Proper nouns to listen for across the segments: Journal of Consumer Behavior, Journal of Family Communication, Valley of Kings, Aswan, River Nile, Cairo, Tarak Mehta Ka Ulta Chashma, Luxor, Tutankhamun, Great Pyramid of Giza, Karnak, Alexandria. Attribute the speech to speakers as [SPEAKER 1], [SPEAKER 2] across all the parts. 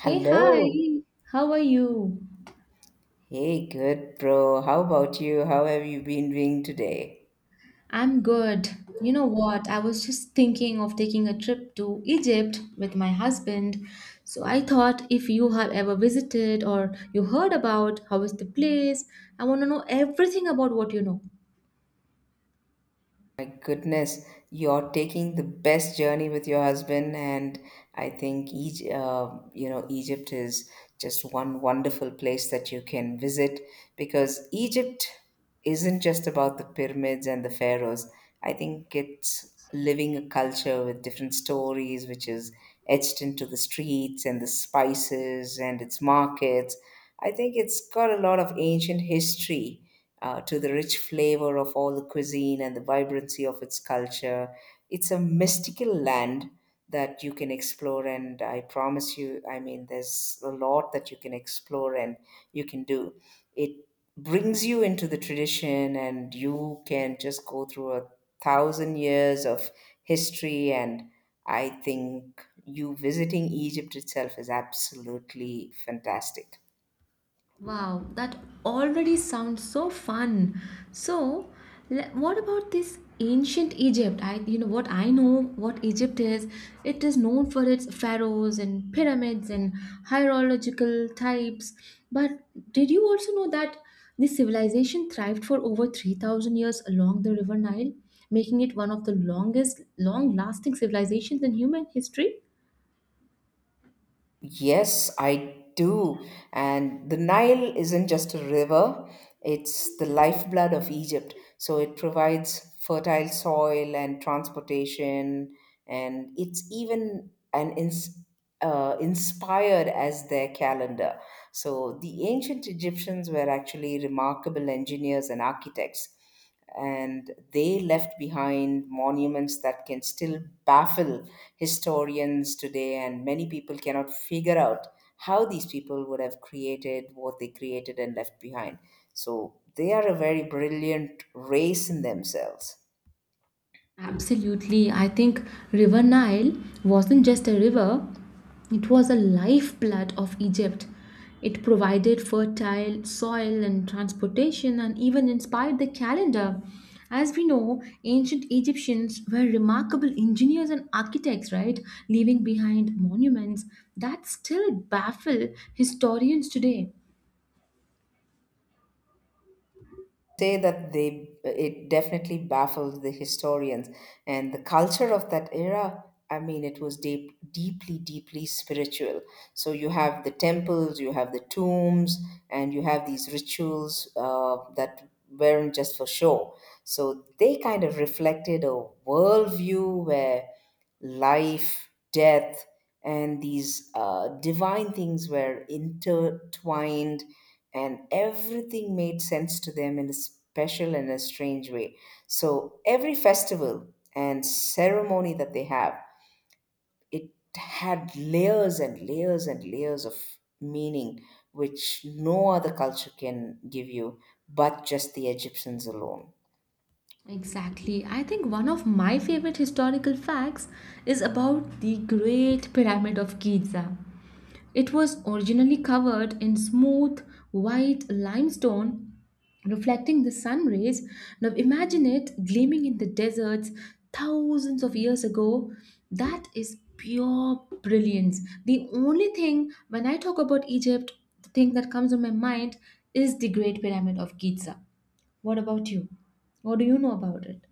[SPEAKER 1] Hey, hi.
[SPEAKER 2] Hello.
[SPEAKER 1] How are you?
[SPEAKER 2] Hey, good bro. How about you? How have you been doing today?
[SPEAKER 1] I'm good. You know what? I was just thinking of taking a trip to Egypt with my husband. So I thought if you have ever visited or you heard about how is the place, I want to know everything about what you know.
[SPEAKER 2] My goodness, you're taking the best journey with your husband, and I think Egypt is just one wonderful place that you can visit because Egypt isn't just about the pyramids and the pharaohs. I think it's living a culture with different stories, which is etched into the streets and the spices and its markets. I think it's got a lot of ancient history to the rich flavor of all the cuisine and the vibrancy of its culture. It's a mystical land that you can explore, and I promise you, I mean, there's a lot that you can explore and you can do. It brings you into the tradition, and you can just go through a 1,000 years of history. And I think you visiting Egypt itself is absolutely fantastic.
[SPEAKER 1] Wow, that already sounds so fun. So, what about this ancient Egypt? What I know what Egypt is, it is known for its pharaohs and pyramids and hierological types. But did you also know that this civilization thrived for over 3,000 years along the River Nile, making it one of the longest, long-lasting civilizations in human history?
[SPEAKER 2] Yes, I do. And the Nile isn't just a river, it's the lifeblood of Egypt. So it provides fertile soil and transportation, and it's even inspired as their calendar. So the ancient Egyptians were actually remarkable engineers and architects, and they left behind monuments that can still baffle historians today, and many people cannot figure out how these people would have created what they created and left behind. So they are a very brilliant race in themselves.
[SPEAKER 1] Absolutely. I think River Nile wasn't just a river, it was a lifeblood of Egypt. It provided fertile soil and transportation and even inspired the calendar. As we know, ancient Egyptians were remarkable engineers and architects, right? Leaving behind monuments that still baffle historians today.
[SPEAKER 2] Say that they it definitely baffled the historians. And the culture of that era, I mean, it was deeply deeply spiritual. So you have the temples, you have the tombs, and you have these rituals that weren't just for show. So they kind of reflected a worldview where life, death, and these divine things were intertwined, and everything made sense to them in a special and a strange way. So every festival and ceremony that they have, it had layers and layers and layers of meaning, which no other culture can give you but just the Egyptians alone.
[SPEAKER 1] Exactly. I think one of my favorite historical facts is about the Great Pyramid of Giza. It was originally covered in smooth white limestone reflecting the sun rays. Now imagine it gleaming in the deserts thousands of years ago. That is pure brilliance. The only thing when I talk about Egypt, the thing that comes to my mind is the Great Pyramid of Giza. What about you? What do you know about it?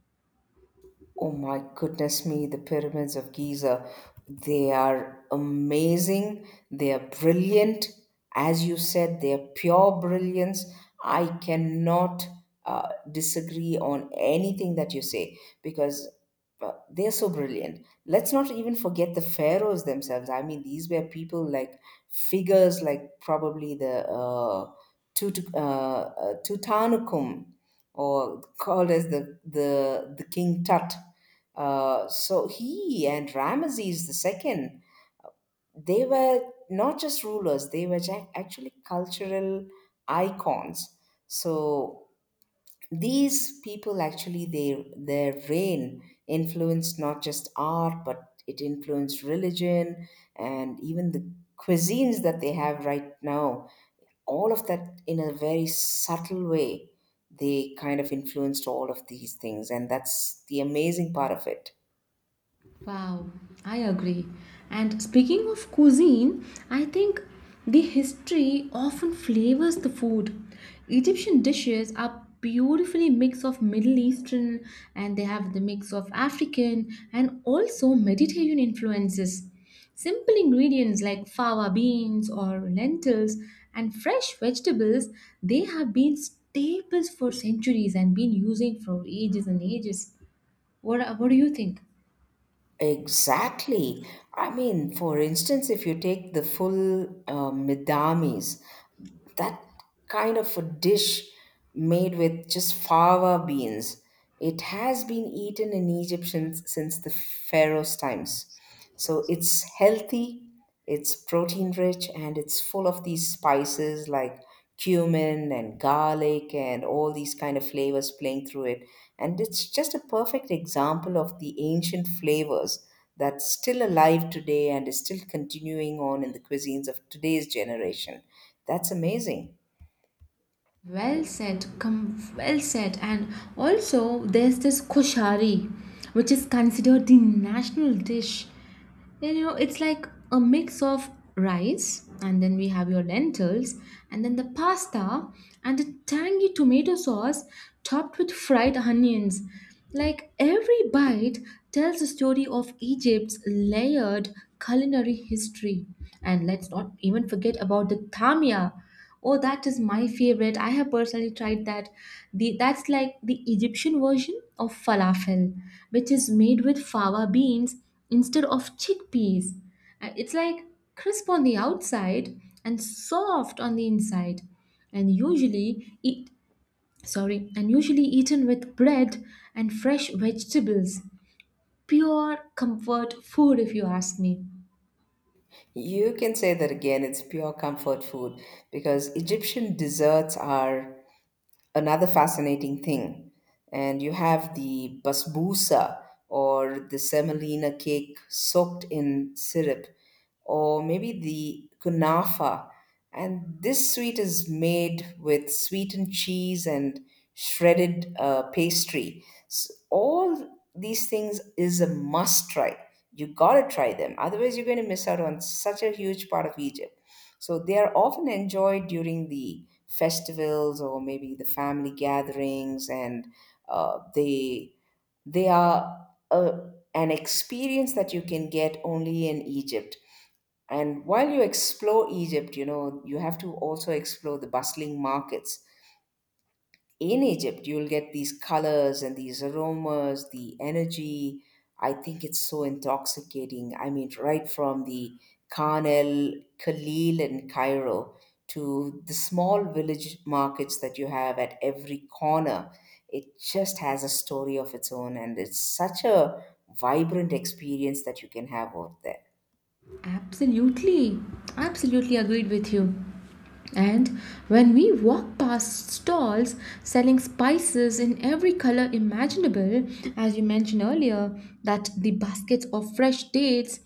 [SPEAKER 2] Oh my goodness me, the pyramids of Giza. They are amazing. They are brilliant. As you said, they are pure brilliance. I cannot disagree on anything that you say because they're so brilliant. Let's not even forget the pharaohs themselves. I mean, these were people like figures like probably Tutankhamun, or called as the King Tut, so he and Ramesses II, they were not just rulers; they were actually cultural icons. So these people actually, they their reign influenced not just art, but it influenced religion and even the cuisines that they have right now. All of that in a very subtle way. They kind of influenced all of these things, and that's the amazing part of it.
[SPEAKER 1] Wow, I agree. And speaking of cuisine, I think the history often flavors the food. Egyptian dishes are beautifully mix of Middle Eastern and they have the mix of African and also Mediterranean influences. Simple ingredients like fava beans or lentils and fresh vegetables, they have been staples for centuries and been using for ages and ages. What do you think?
[SPEAKER 2] Exactly. I mean, for instance, if you take the full Midamis, that kind of a dish made with just fava beans. It has been eaten in Egypt since the Pharaoh's times. So it's healthy, it's protein rich, and it's full of these spices like cumin and garlic and all these kind of flavors playing through it. And it's just a perfect example of the ancient flavors that's still alive today and is still continuing on in the cuisines of today's generation. That's amazing.
[SPEAKER 1] Well said, well said, and also there's this koshari, which is considered the national dish. You know, it's like a mix of rice, and then we have your lentils, and then the pasta, and a tangy tomato sauce topped with fried onions. Like every bite tells the story of Egypt's layered culinary history. And let's not even forget about the tamia. Oh, that is my favorite. I have personally tried that. The that's like the Egyptian version of falafel, which is made with fava beans instead of chickpeas. It's like crisp on the outside and soft on the inside, and usually eaten with bread and fresh vegetables. Pure comfort food, if you ask me.
[SPEAKER 2] You can say that again, it's pure comfort food because Egyptian desserts are another fascinating thing. And you have the basbousa, or the semolina cake soaked in syrup, or maybe the kunafa. And this sweet is made with sweetened cheese and shredded pastry. S All these things is a must try. You gotta try them. Otherwise, you're going to miss out on such a huge part of Egypt. So they are often enjoyed during the festivals or maybe the family gatherings, and uh, they they are an experience that you can get only in Egypt. And while you explore Egypt, you know, you have to also explore the bustling markets in Egypt. You'll get these colors and these aromas, the energy. I think it's so intoxicating. I mean, right from the Khan el Khalil in Cairo to the small village markets that you have at every corner, it just has a story of its own, and it's such a vibrant experience that you can have out there.
[SPEAKER 1] Absolutely, absolutely agreed with you. And when we walk past stalls selling spices in every color imaginable, as you mentioned earlier, that the baskets of fresh dates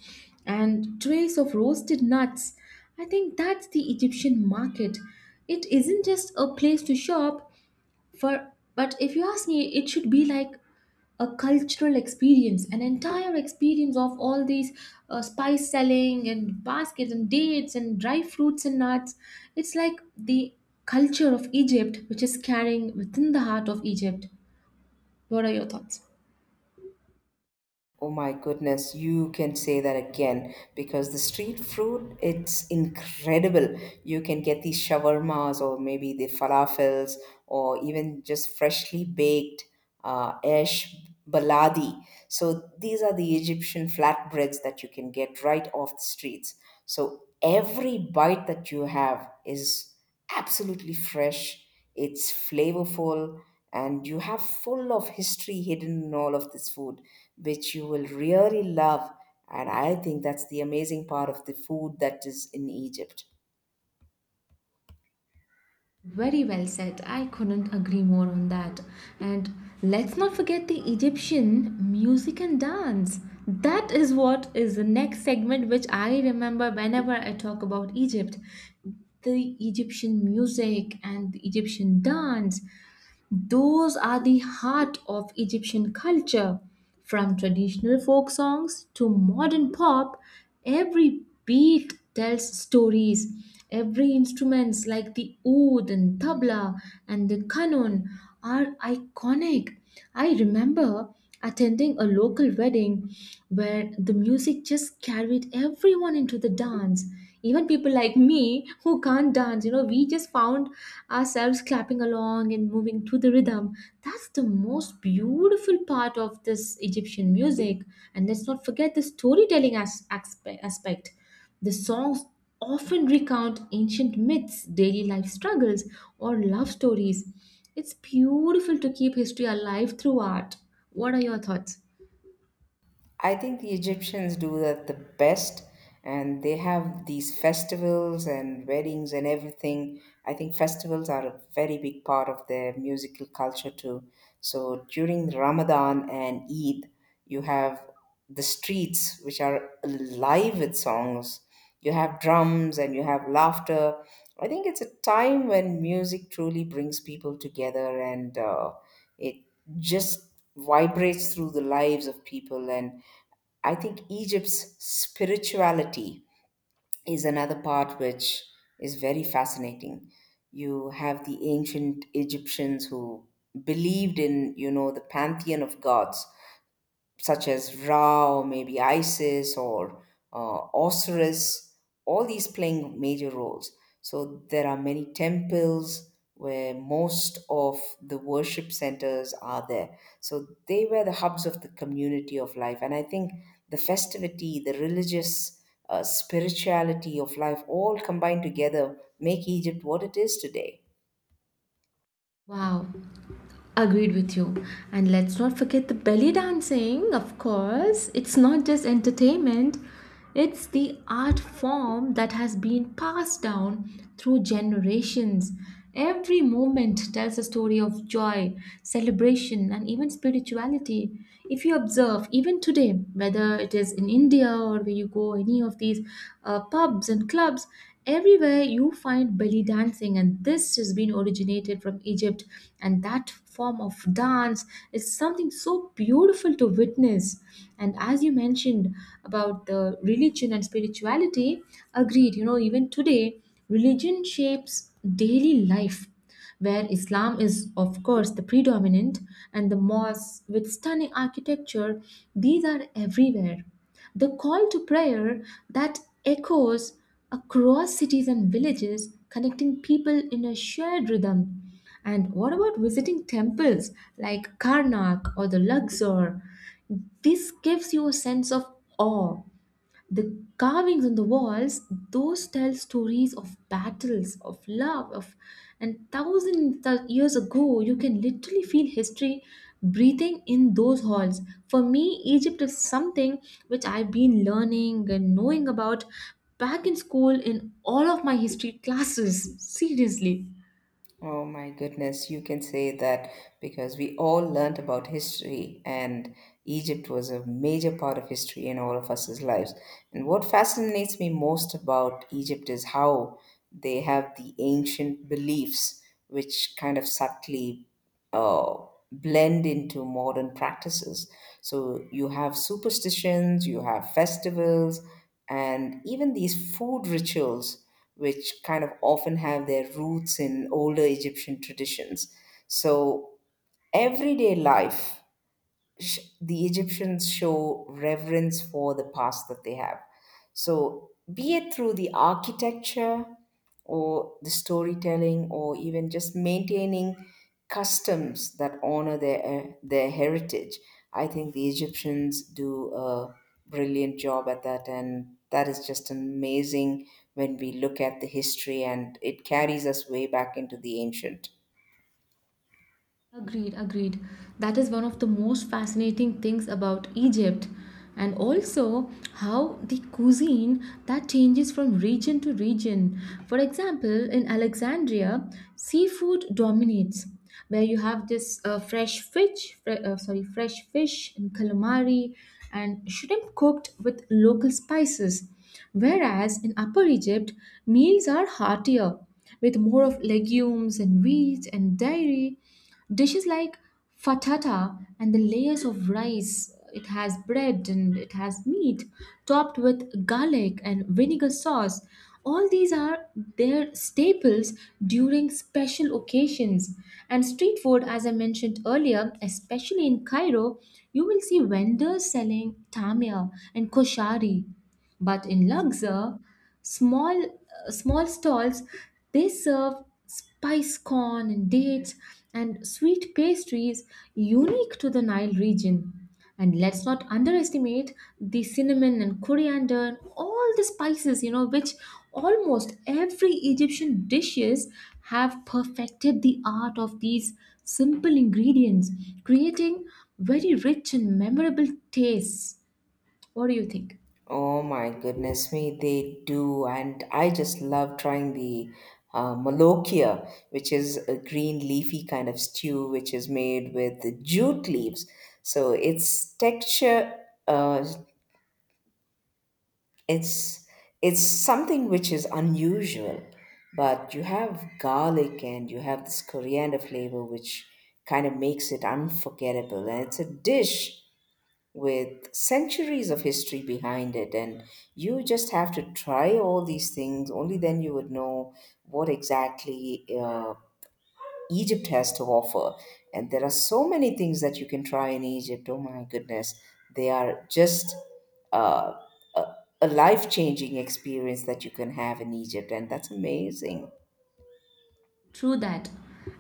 [SPEAKER 1] and trays of roasted nuts, I think that's the Egyptian market. It isn't just a place to shop, for but if you ask me it should be like a cultural experience, an entire experience of all these spice selling and baskets and dates and dry fruits and nuts. It's like the culture of Egypt which is carrying within the heart of Egypt. What are your thoughts?
[SPEAKER 2] Oh my goodness, you can say that again because the street food, it's incredible. You can get these shawarmas or maybe the falafels or even just freshly baked esh baladi. So these are the Egyptian flatbreads that you can get right off the streets. So every bite that you have is absolutely fresh, it's flavorful, and you have full of history hidden in all of this food, which you will really love. And I think that's the amazing part of the food that is in Egypt.
[SPEAKER 1] Very well said. I couldn't agree more on that. And let's not forget the Egyptian music and dance. That is what is the next segment which I remember whenever I talk about Egypt. The Egyptian music and the Egyptian dance, those are the heart of Egyptian culture. From traditional folk songs to modern pop, every beat tells stories. Every instruments like the oud and tabla and the kanun are iconic. I remember attending a local wedding where the music just carried everyone into the dance, even people like me who can't dance, you know, we just found ourselves clapping along and moving to the rhythm. That's the most beautiful part of this Egyptian music. And let's not forget the storytelling aspect. The songs often recount ancient myths, daily life struggles, or love stories. It's beautiful to keep history alive through art. What are your thoughts?
[SPEAKER 2] I think the Egyptians do that the best, and they have these festivals and weddings and everything. I think festivals are a very big part of their musical culture too. So during Ramadan and Eid, you have the streets which are alive with songs. You have drums and you have laughter. I think it's a time when music truly brings people together, and it just vibrates through the lives of people. And I think Egypt's spirituality is another part which is very fascinating. You have the ancient Egyptians who believed in, you know, the pantheon of gods such as Ra or maybe Isis or Osiris, all these playing major roles. So there are many temples where most of the worship centers are there. So they were the hubs of the community of life. And I think the festivity, the religious spirituality of life all combined together make Egypt what it is today.
[SPEAKER 1] Wow. Agreed with you. And let's not forget the belly dancing, of course. It's not just entertainment, it's the art form that has been passed down through generations. Every moment tells a story of joy, celebration, and even spirituality. If you observe, even today, whether it is in India or where you go, any of these pubs and clubs, everywhere you find belly dancing, and this has been originated from Egypt, and that form of dance, it's something so beautiful to witness. And as you mentioned about the religion and spirituality, agreed, you know, even today religion shapes daily life, where Islam is, of course, the predominant, and the mosques with stunning architecture, these are everywhere. The call to prayer that echoes across cities and villages, connecting people in a shared rhythm. And what about visiting temples like Karnak or the Luxor? This gives you a sense of awe. The carvings on the walls, those tell stories of battles, of love, of and thousands of years ago, you can literally feel history breathing in those halls. For me, Egypt is something which I've been learning and knowing about back in school in all of my history classes. Seriously.
[SPEAKER 2] Oh my goodness, you can say that because we all learnt about history, and Egypt was a major part of history in all of us' lives. And what fascinates me most about Egypt is how they have the ancient beliefs, which kind of subtly uh, blend into modern practices. So you have superstitions, you have festivals, and even these food rituals, which kind of often have their roots in older Egyptian traditions. So everyday life, the Egyptians show reverence for the past that they have. So, be it through the architecture or the storytelling or even just maintaining customs that honor their heritage, I think the Egyptians do a brilliant job at that, and that is just amazing when we look at the history and it carries us way back into the ancient.
[SPEAKER 1] Agreed, agreed. That is one of the most fascinating things about Egypt. And also how the cuisine that changes from region to region. For example, in Alexandria, seafood dominates, where you have this fresh fish and calamari and shrimp cooked with local spices. Whereas in Upper Egypt, meals are heartier with more of legumes and wheat and dairy. Dishes like fatata and the layers of rice, it has bread and it has meat topped with garlic and vinegar sauce. All these are their staples during special occasions. And street food, as I mentioned earlier, especially in Cairo, you will see vendors selling tamia and koshari. But in Luxor, small small stalls they serve spice corn and dates and sweet pastries unique to the Nile region. And let's not underestimate the cinnamon and coriander, and all the spices, you know, which almost every Egyptian dishes have perfected the art of these simple ingredients, creating very rich and memorable tastes. What do you think?
[SPEAKER 2] Oh my goodness me, they do. And I just love trying the malokia, which is a green leafy kind of stew, which is made with jute leaves. So its texture, uh, it's it's something which is unusual, but you have garlic and you have this coriander flavor, which kind of makes it unforgettable. And it's a dish with centuries of history behind it, and you just have to try all these things. Only then you would know what exactly Egypt has to offer. And there are so many things that you can try in Egypt. Oh my goodness. They are just uh, a, a life changing experience that you can have in Egypt. And that's amazing.
[SPEAKER 1] True that.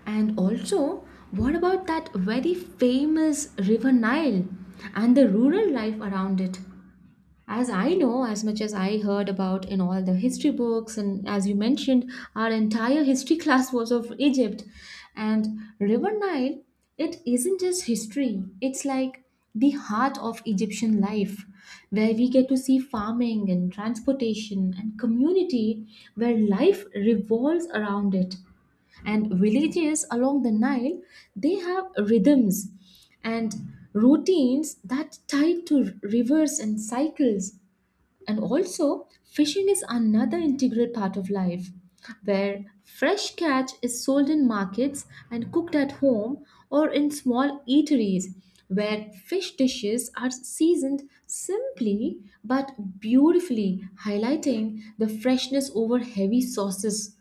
[SPEAKER 1] And also, what about that very famous River Nile and the rural life around it? As I know, as much as I heard about in all the history books, and as you mentioned, our entire history class was of Egypt. And River Nile, it isn't just history, it's like the heart of Egyptian life, where we get to see farming and transportation and community, where life revolves around it, and villages along the Nile they have rhythms and routines that tie to rivers and cycles. And also, fishing is another integral part of life, where fresh catch is sold in markets and cooked at home or in small eateries, where fish dishes are seasoned simply but beautifully, highlighting the freshness over heavy sauces.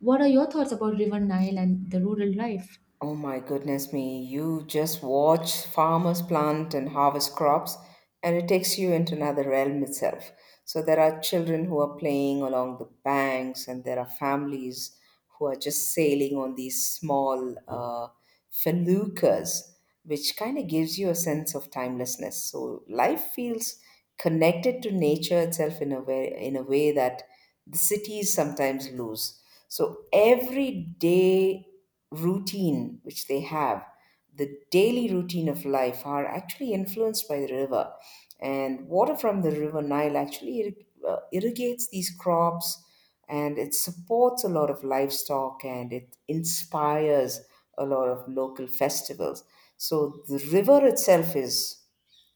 [SPEAKER 1] What are your thoughts about River Nile and the rural life?
[SPEAKER 2] Oh my goodness me, you just watch farmers plant and harvest crops, and it takes you into another realm itself. So there are children who are playing along the banks, and there are families who are just sailing on these small feluccas, which kind of gives you a sense of timelessness. So life feels connected to nature itself in a way that the cities sometimes lose. So everyday routine which they have, the daily routine of life are actually influenced by the river. And water from the river Nile actually irrigates these crops, and it supports a lot of livestock, and it inspires a lot of local festivals. So the river itself is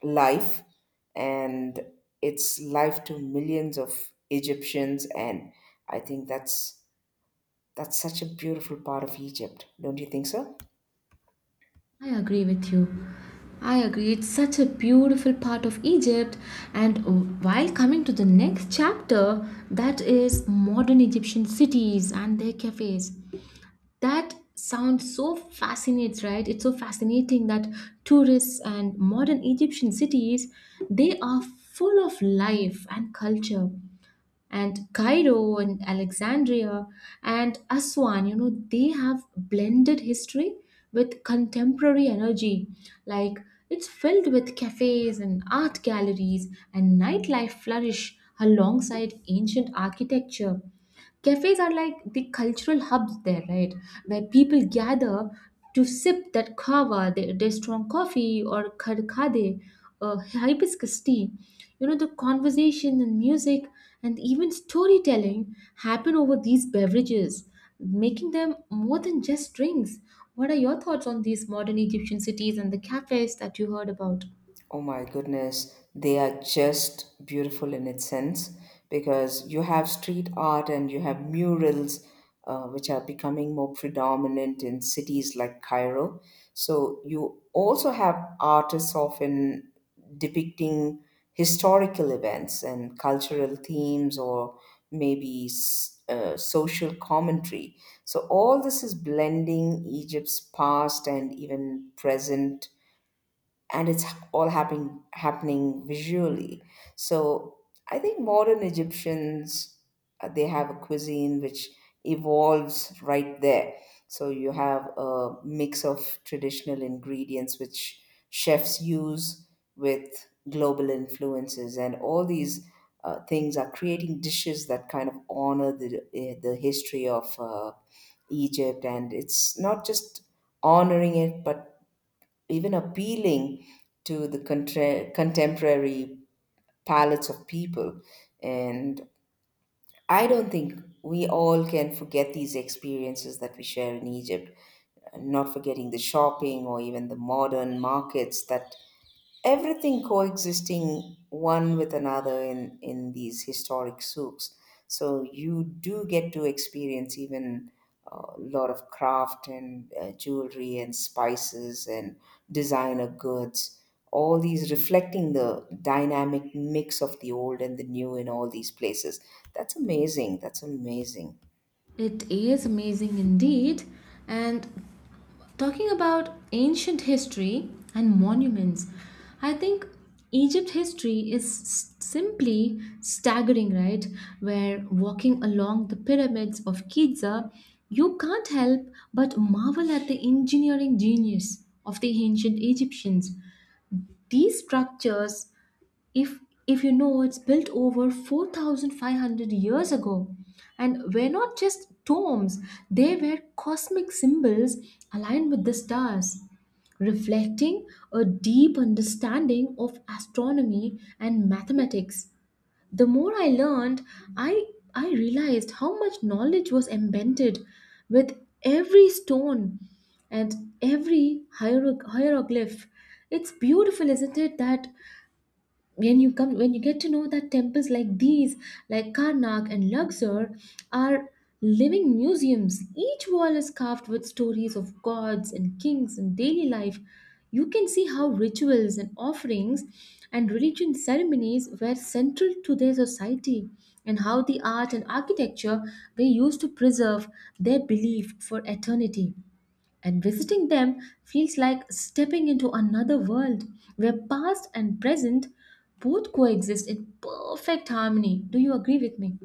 [SPEAKER 2] life, and it's life to millions of Egyptians, and I think that's such a beautiful part of Egypt, don't you think so?
[SPEAKER 1] I agree with you. I agree. It's such a beautiful part of Egypt. And while coming to the next chapter, that is modern Egyptian cities and their cafes. That sounds so fascinates, right? It's so fascinating that tourists and modern Egyptian cities, they are full of life and culture and Cairo and Alexandria and Aswan, you know, they have blended history with contemporary energy. Like it's filled with cafes and art galleries, and nightlife flourish alongside ancient architecture. Cafes are like the cultural hubs there, right? Where people gather to sip that kava, their strong coffee, or karkade, hibiscus tea. You know, the conversation and music and even storytelling happen over these beverages, making them more than just drinks. What are your thoughts on these modern Egyptian cities and the cafes that you heard about?
[SPEAKER 2] Oh my goodness, they are just beautiful in its sense because you have street art and you have murals, which are becoming more predominant in cities like Cairo. So you also have artists often depicting historical events and cultural themes or maybe social commentary. So all this is blending Egypt's past and even present, and it's all happening visually. So I think modern Egyptians, they have a cuisine which evolves right there. So you have a mix of traditional ingredients which chefs use with global influences, and all these things are creating dishes that kind of honor the history of Egypt, and it's not just honoring it but even appealing to the contemporary palates of people. And I don't think we all can forget these experiences that we share in Egypt, not forgetting the shopping or even the modern markets that everything coexisting one with another in these historic souks. So you do get to experience even a lot of craft and jewelry and spices and designer goods, all these reflecting the dynamic mix of the old and the new in all these places. That's amazing, that's amazing.
[SPEAKER 1] It is amazing indeed. And talking about ancient history and monuments, I think Egypt history is simply staggering, right? Where walking along the pyramids of Giza, you can't help but marvel at the engineering genius of the ancient Egyptians. These structures, if if you know it's built over 4,500 years ago, and were not just tombs, they were cosmic symbols aligned with the stars, reflecting a deep understanding of astronomy and mathematics. The more I learned, i I realized how much knowledge was embedded with every stone and every hieroglyph. It's beautiful, isn't it, that when you get to know that temples like these, like Karnak and Luxor, are living museums. Each wall is carved with stories of gods and kings and daily life. You can see how rituals and offerings and religion ceremonies were central to their society, and how the art and architecture were used to preserve their belief for eternity. And visiting them feels like stepping into another world where past and present both coexist in perfect harmony. Do you agree with me?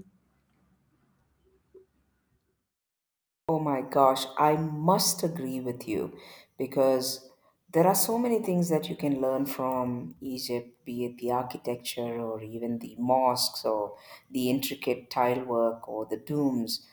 [SPEAKER 2] Oh my gosh, I must agree with you because there are so many things that you can learn from Egypt, be it the architecture or even the mosques or the intricate tile work or the tombs.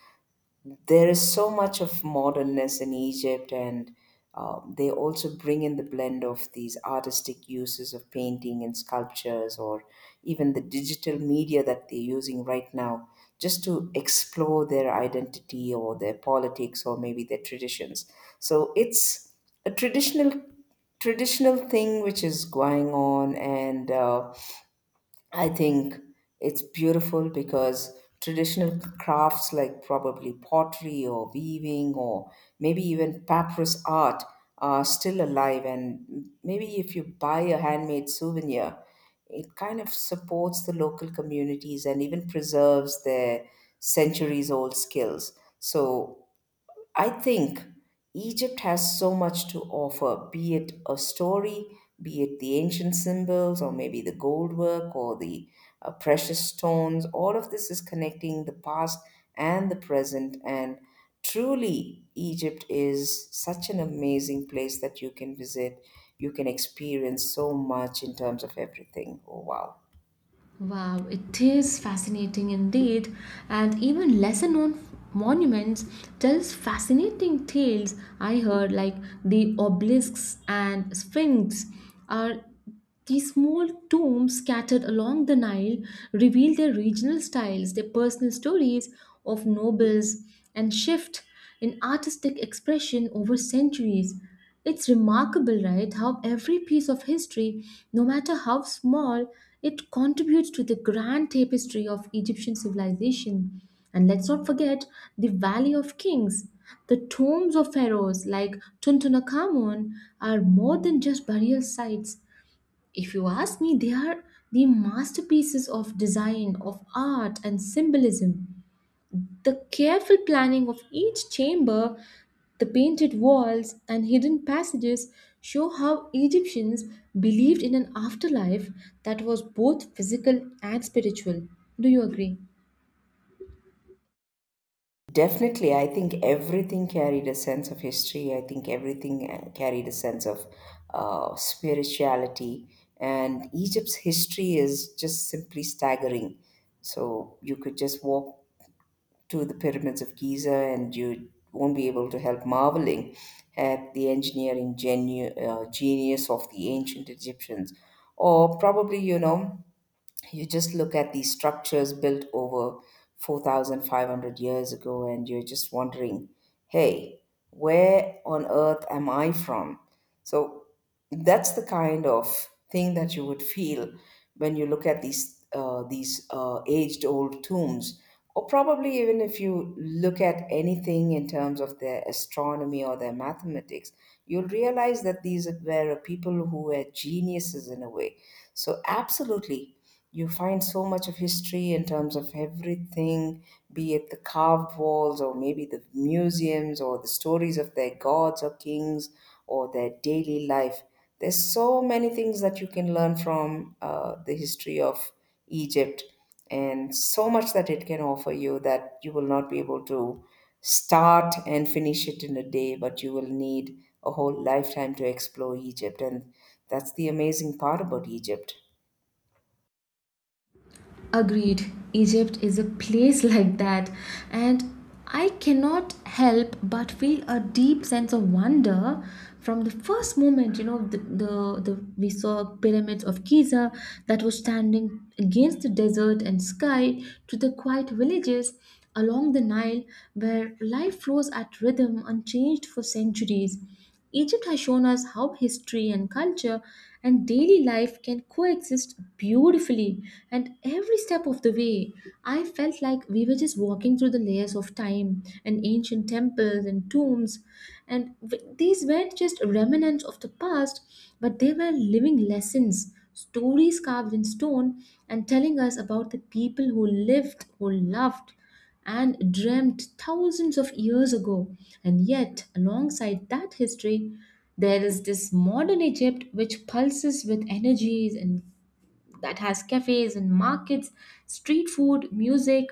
[SPEAKER 2] There is so much of modernness in Egypt, and they also bring in the blend of these artistic uses of painting and sculptures, or even the digital media that they're using right now, just to explore their identity or their politics or maybe their traditions. So it's a traditional thing which is going on and I think it's beautiful because traditional crafts like probably pottery or weaving or maybe even papyrus art are still alive. And maybe if you buy a handmade souvenir, it kind of supports the local communities and even preserves their centuries old skills. So I think Egypt has so much to offer, be it a story, be it the ancient symbols, or maybe the gold work, or the precious stones. All of this is connecting the past and the present. And truly, Egypt is such an amazing place that you can visit. You can experience so much in terms of everything. Oh, wow.
[SPEAKER 1] Wow, it is fascinating indeed, and even lesser known monuments tells fascinating tales. I heard like the obelisks and sphinx are these small tombs scattered along the Nile reveal their regional styles, their personal stories of nobles, and shift in artistic expression over centuries. It's remarkable, right, how every piece of history, no matter how small, it contributes to the grand tapestry of Egyptian civilization. And let's not forget the Valley of Kings. The tombs of pharaohs like Tutankhamun are more than just burial sites. If you ask me, they are the masterpieces of design, of art, and symbolism. The careful planning of each chamber, the painted walls, and hidden passages show how Egyptians believed in an afterlife that was both physical and spiritual. Do you agree?
[SPEAKER 2] Definitely, I think everything carried a sense of history. I think everything carried a sense of spirituality, and Egypt's history is just simply staggering. So you could just walk to the pyramids of Giza, and you won't be able to help marveling at the engineering genius of the ancient Egyptians, or probably you know you just look at these structures built over 4,500 years ago and you're just wondering, hey, where on earth am I from? So that's the kind of thing that you would feel when you look at these aged old tombs, or probably even if you look at anything in terms of their astronomy or their mathematics, you'll realize that these were people who were geniuses in a way. So absolutely, you find so much of history in terms of everything, be it the carved walls or maybe the museums or the stories of their gods or kings or their daily life. There's so many things that you can learn from the history of Egypt and so much that it can offer you that you will not be able to start and finish it in a day, but you will need a whole lifetime to explore Egypt. And that's the amazing part about Egypt.
[SPEAKER 1] Agreed. Egypt is a place like that. And I cannot help but feel a deep sense of wonder from the first moment, you know, the we saw pyramids of Giza that was standing against the desert and sky to the quiet villages along the Nile where life flows at rhythm unchanged for centuries. Egypt has shown us how history and culture and daily life can coexist beautifully, and every step of the way, I felt like we were just walking through the layers of time and ancient temples and tombs. And these weren't just remnants of the past, but they were living lessons, stories carved in stone, and telling us about the people who lived, who loved and dreamt thousands of years ago. And yet, alongside that history, there is this modern Egypt which pulses with energies and that has cafes and markets, street food, music.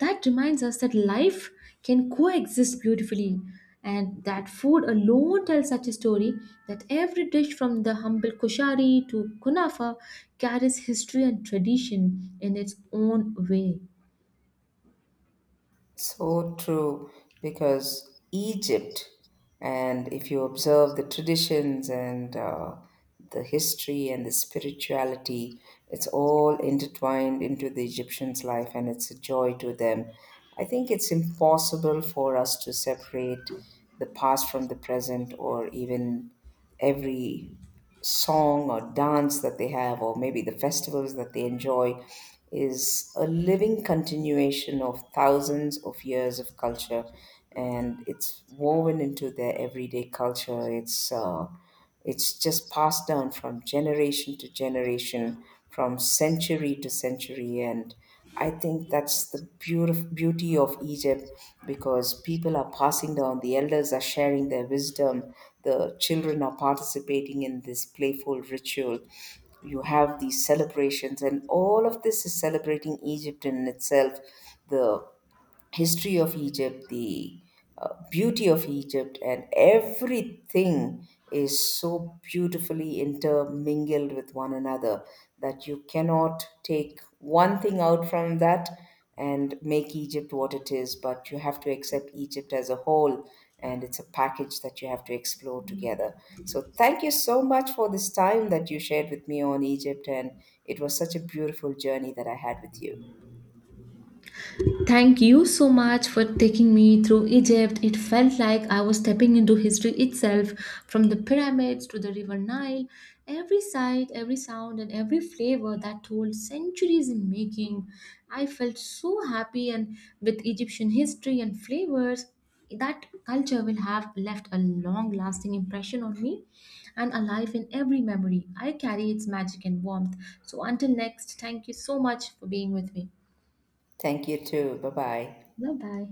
[SPEAKER 1] That reminds us that life can coexist beautifully. And that food alone tells such a story that every dish from the humble kushari to kunafa carries history and tradition in its own way.
[SPEAKER 2] So true, because Egypt, and if you observe the traditions and the history and the spirituality, it's all intertwined into the Egyptians' life and it's a joy to them. I think it's impossible for us to separate the past from the present or even every song or dance that they have, or maybe the festivals that they enjoy, is a living continuation of thousands of years of culture, and it's woven into their everyday culture. It's just passed down from generation to generation, from century to century, and I think that's the beauty of Egypt because people are passing down, the elders are sharing their wisdom, the children are participating in this playful ritual. You have these celebrations, and all of this is celebrating Egypt in itself. The history of Egypt, the beauty of Egypt, and everything is so beautifully intermingled with one another that you cannot take one thing out from that and make Egypt what it is, but you have to accept Egypt as a whole. And it's a package that you have to explore together. So, thank you so much for this time that you shared with me on Egypt. And it was such a beautiful journey that I had with you.
[SPEAKER 1] Thank you so much for taking me through Egypt. It felt like I was stepping into history itself, from the pyramids to the River Nile. Every sight, every sound, and every flavor that told centuries in making. I felt so happy, and with Egyptian history and flavors, that culture will have left a long lasting impression on me and alive in every memory. I carry its magic and warmth. So, until next, thank you so much for being with me.
[SPEAKER 2] Thank you, too. Bye bye.
[SPEAKER 1] Bye bye.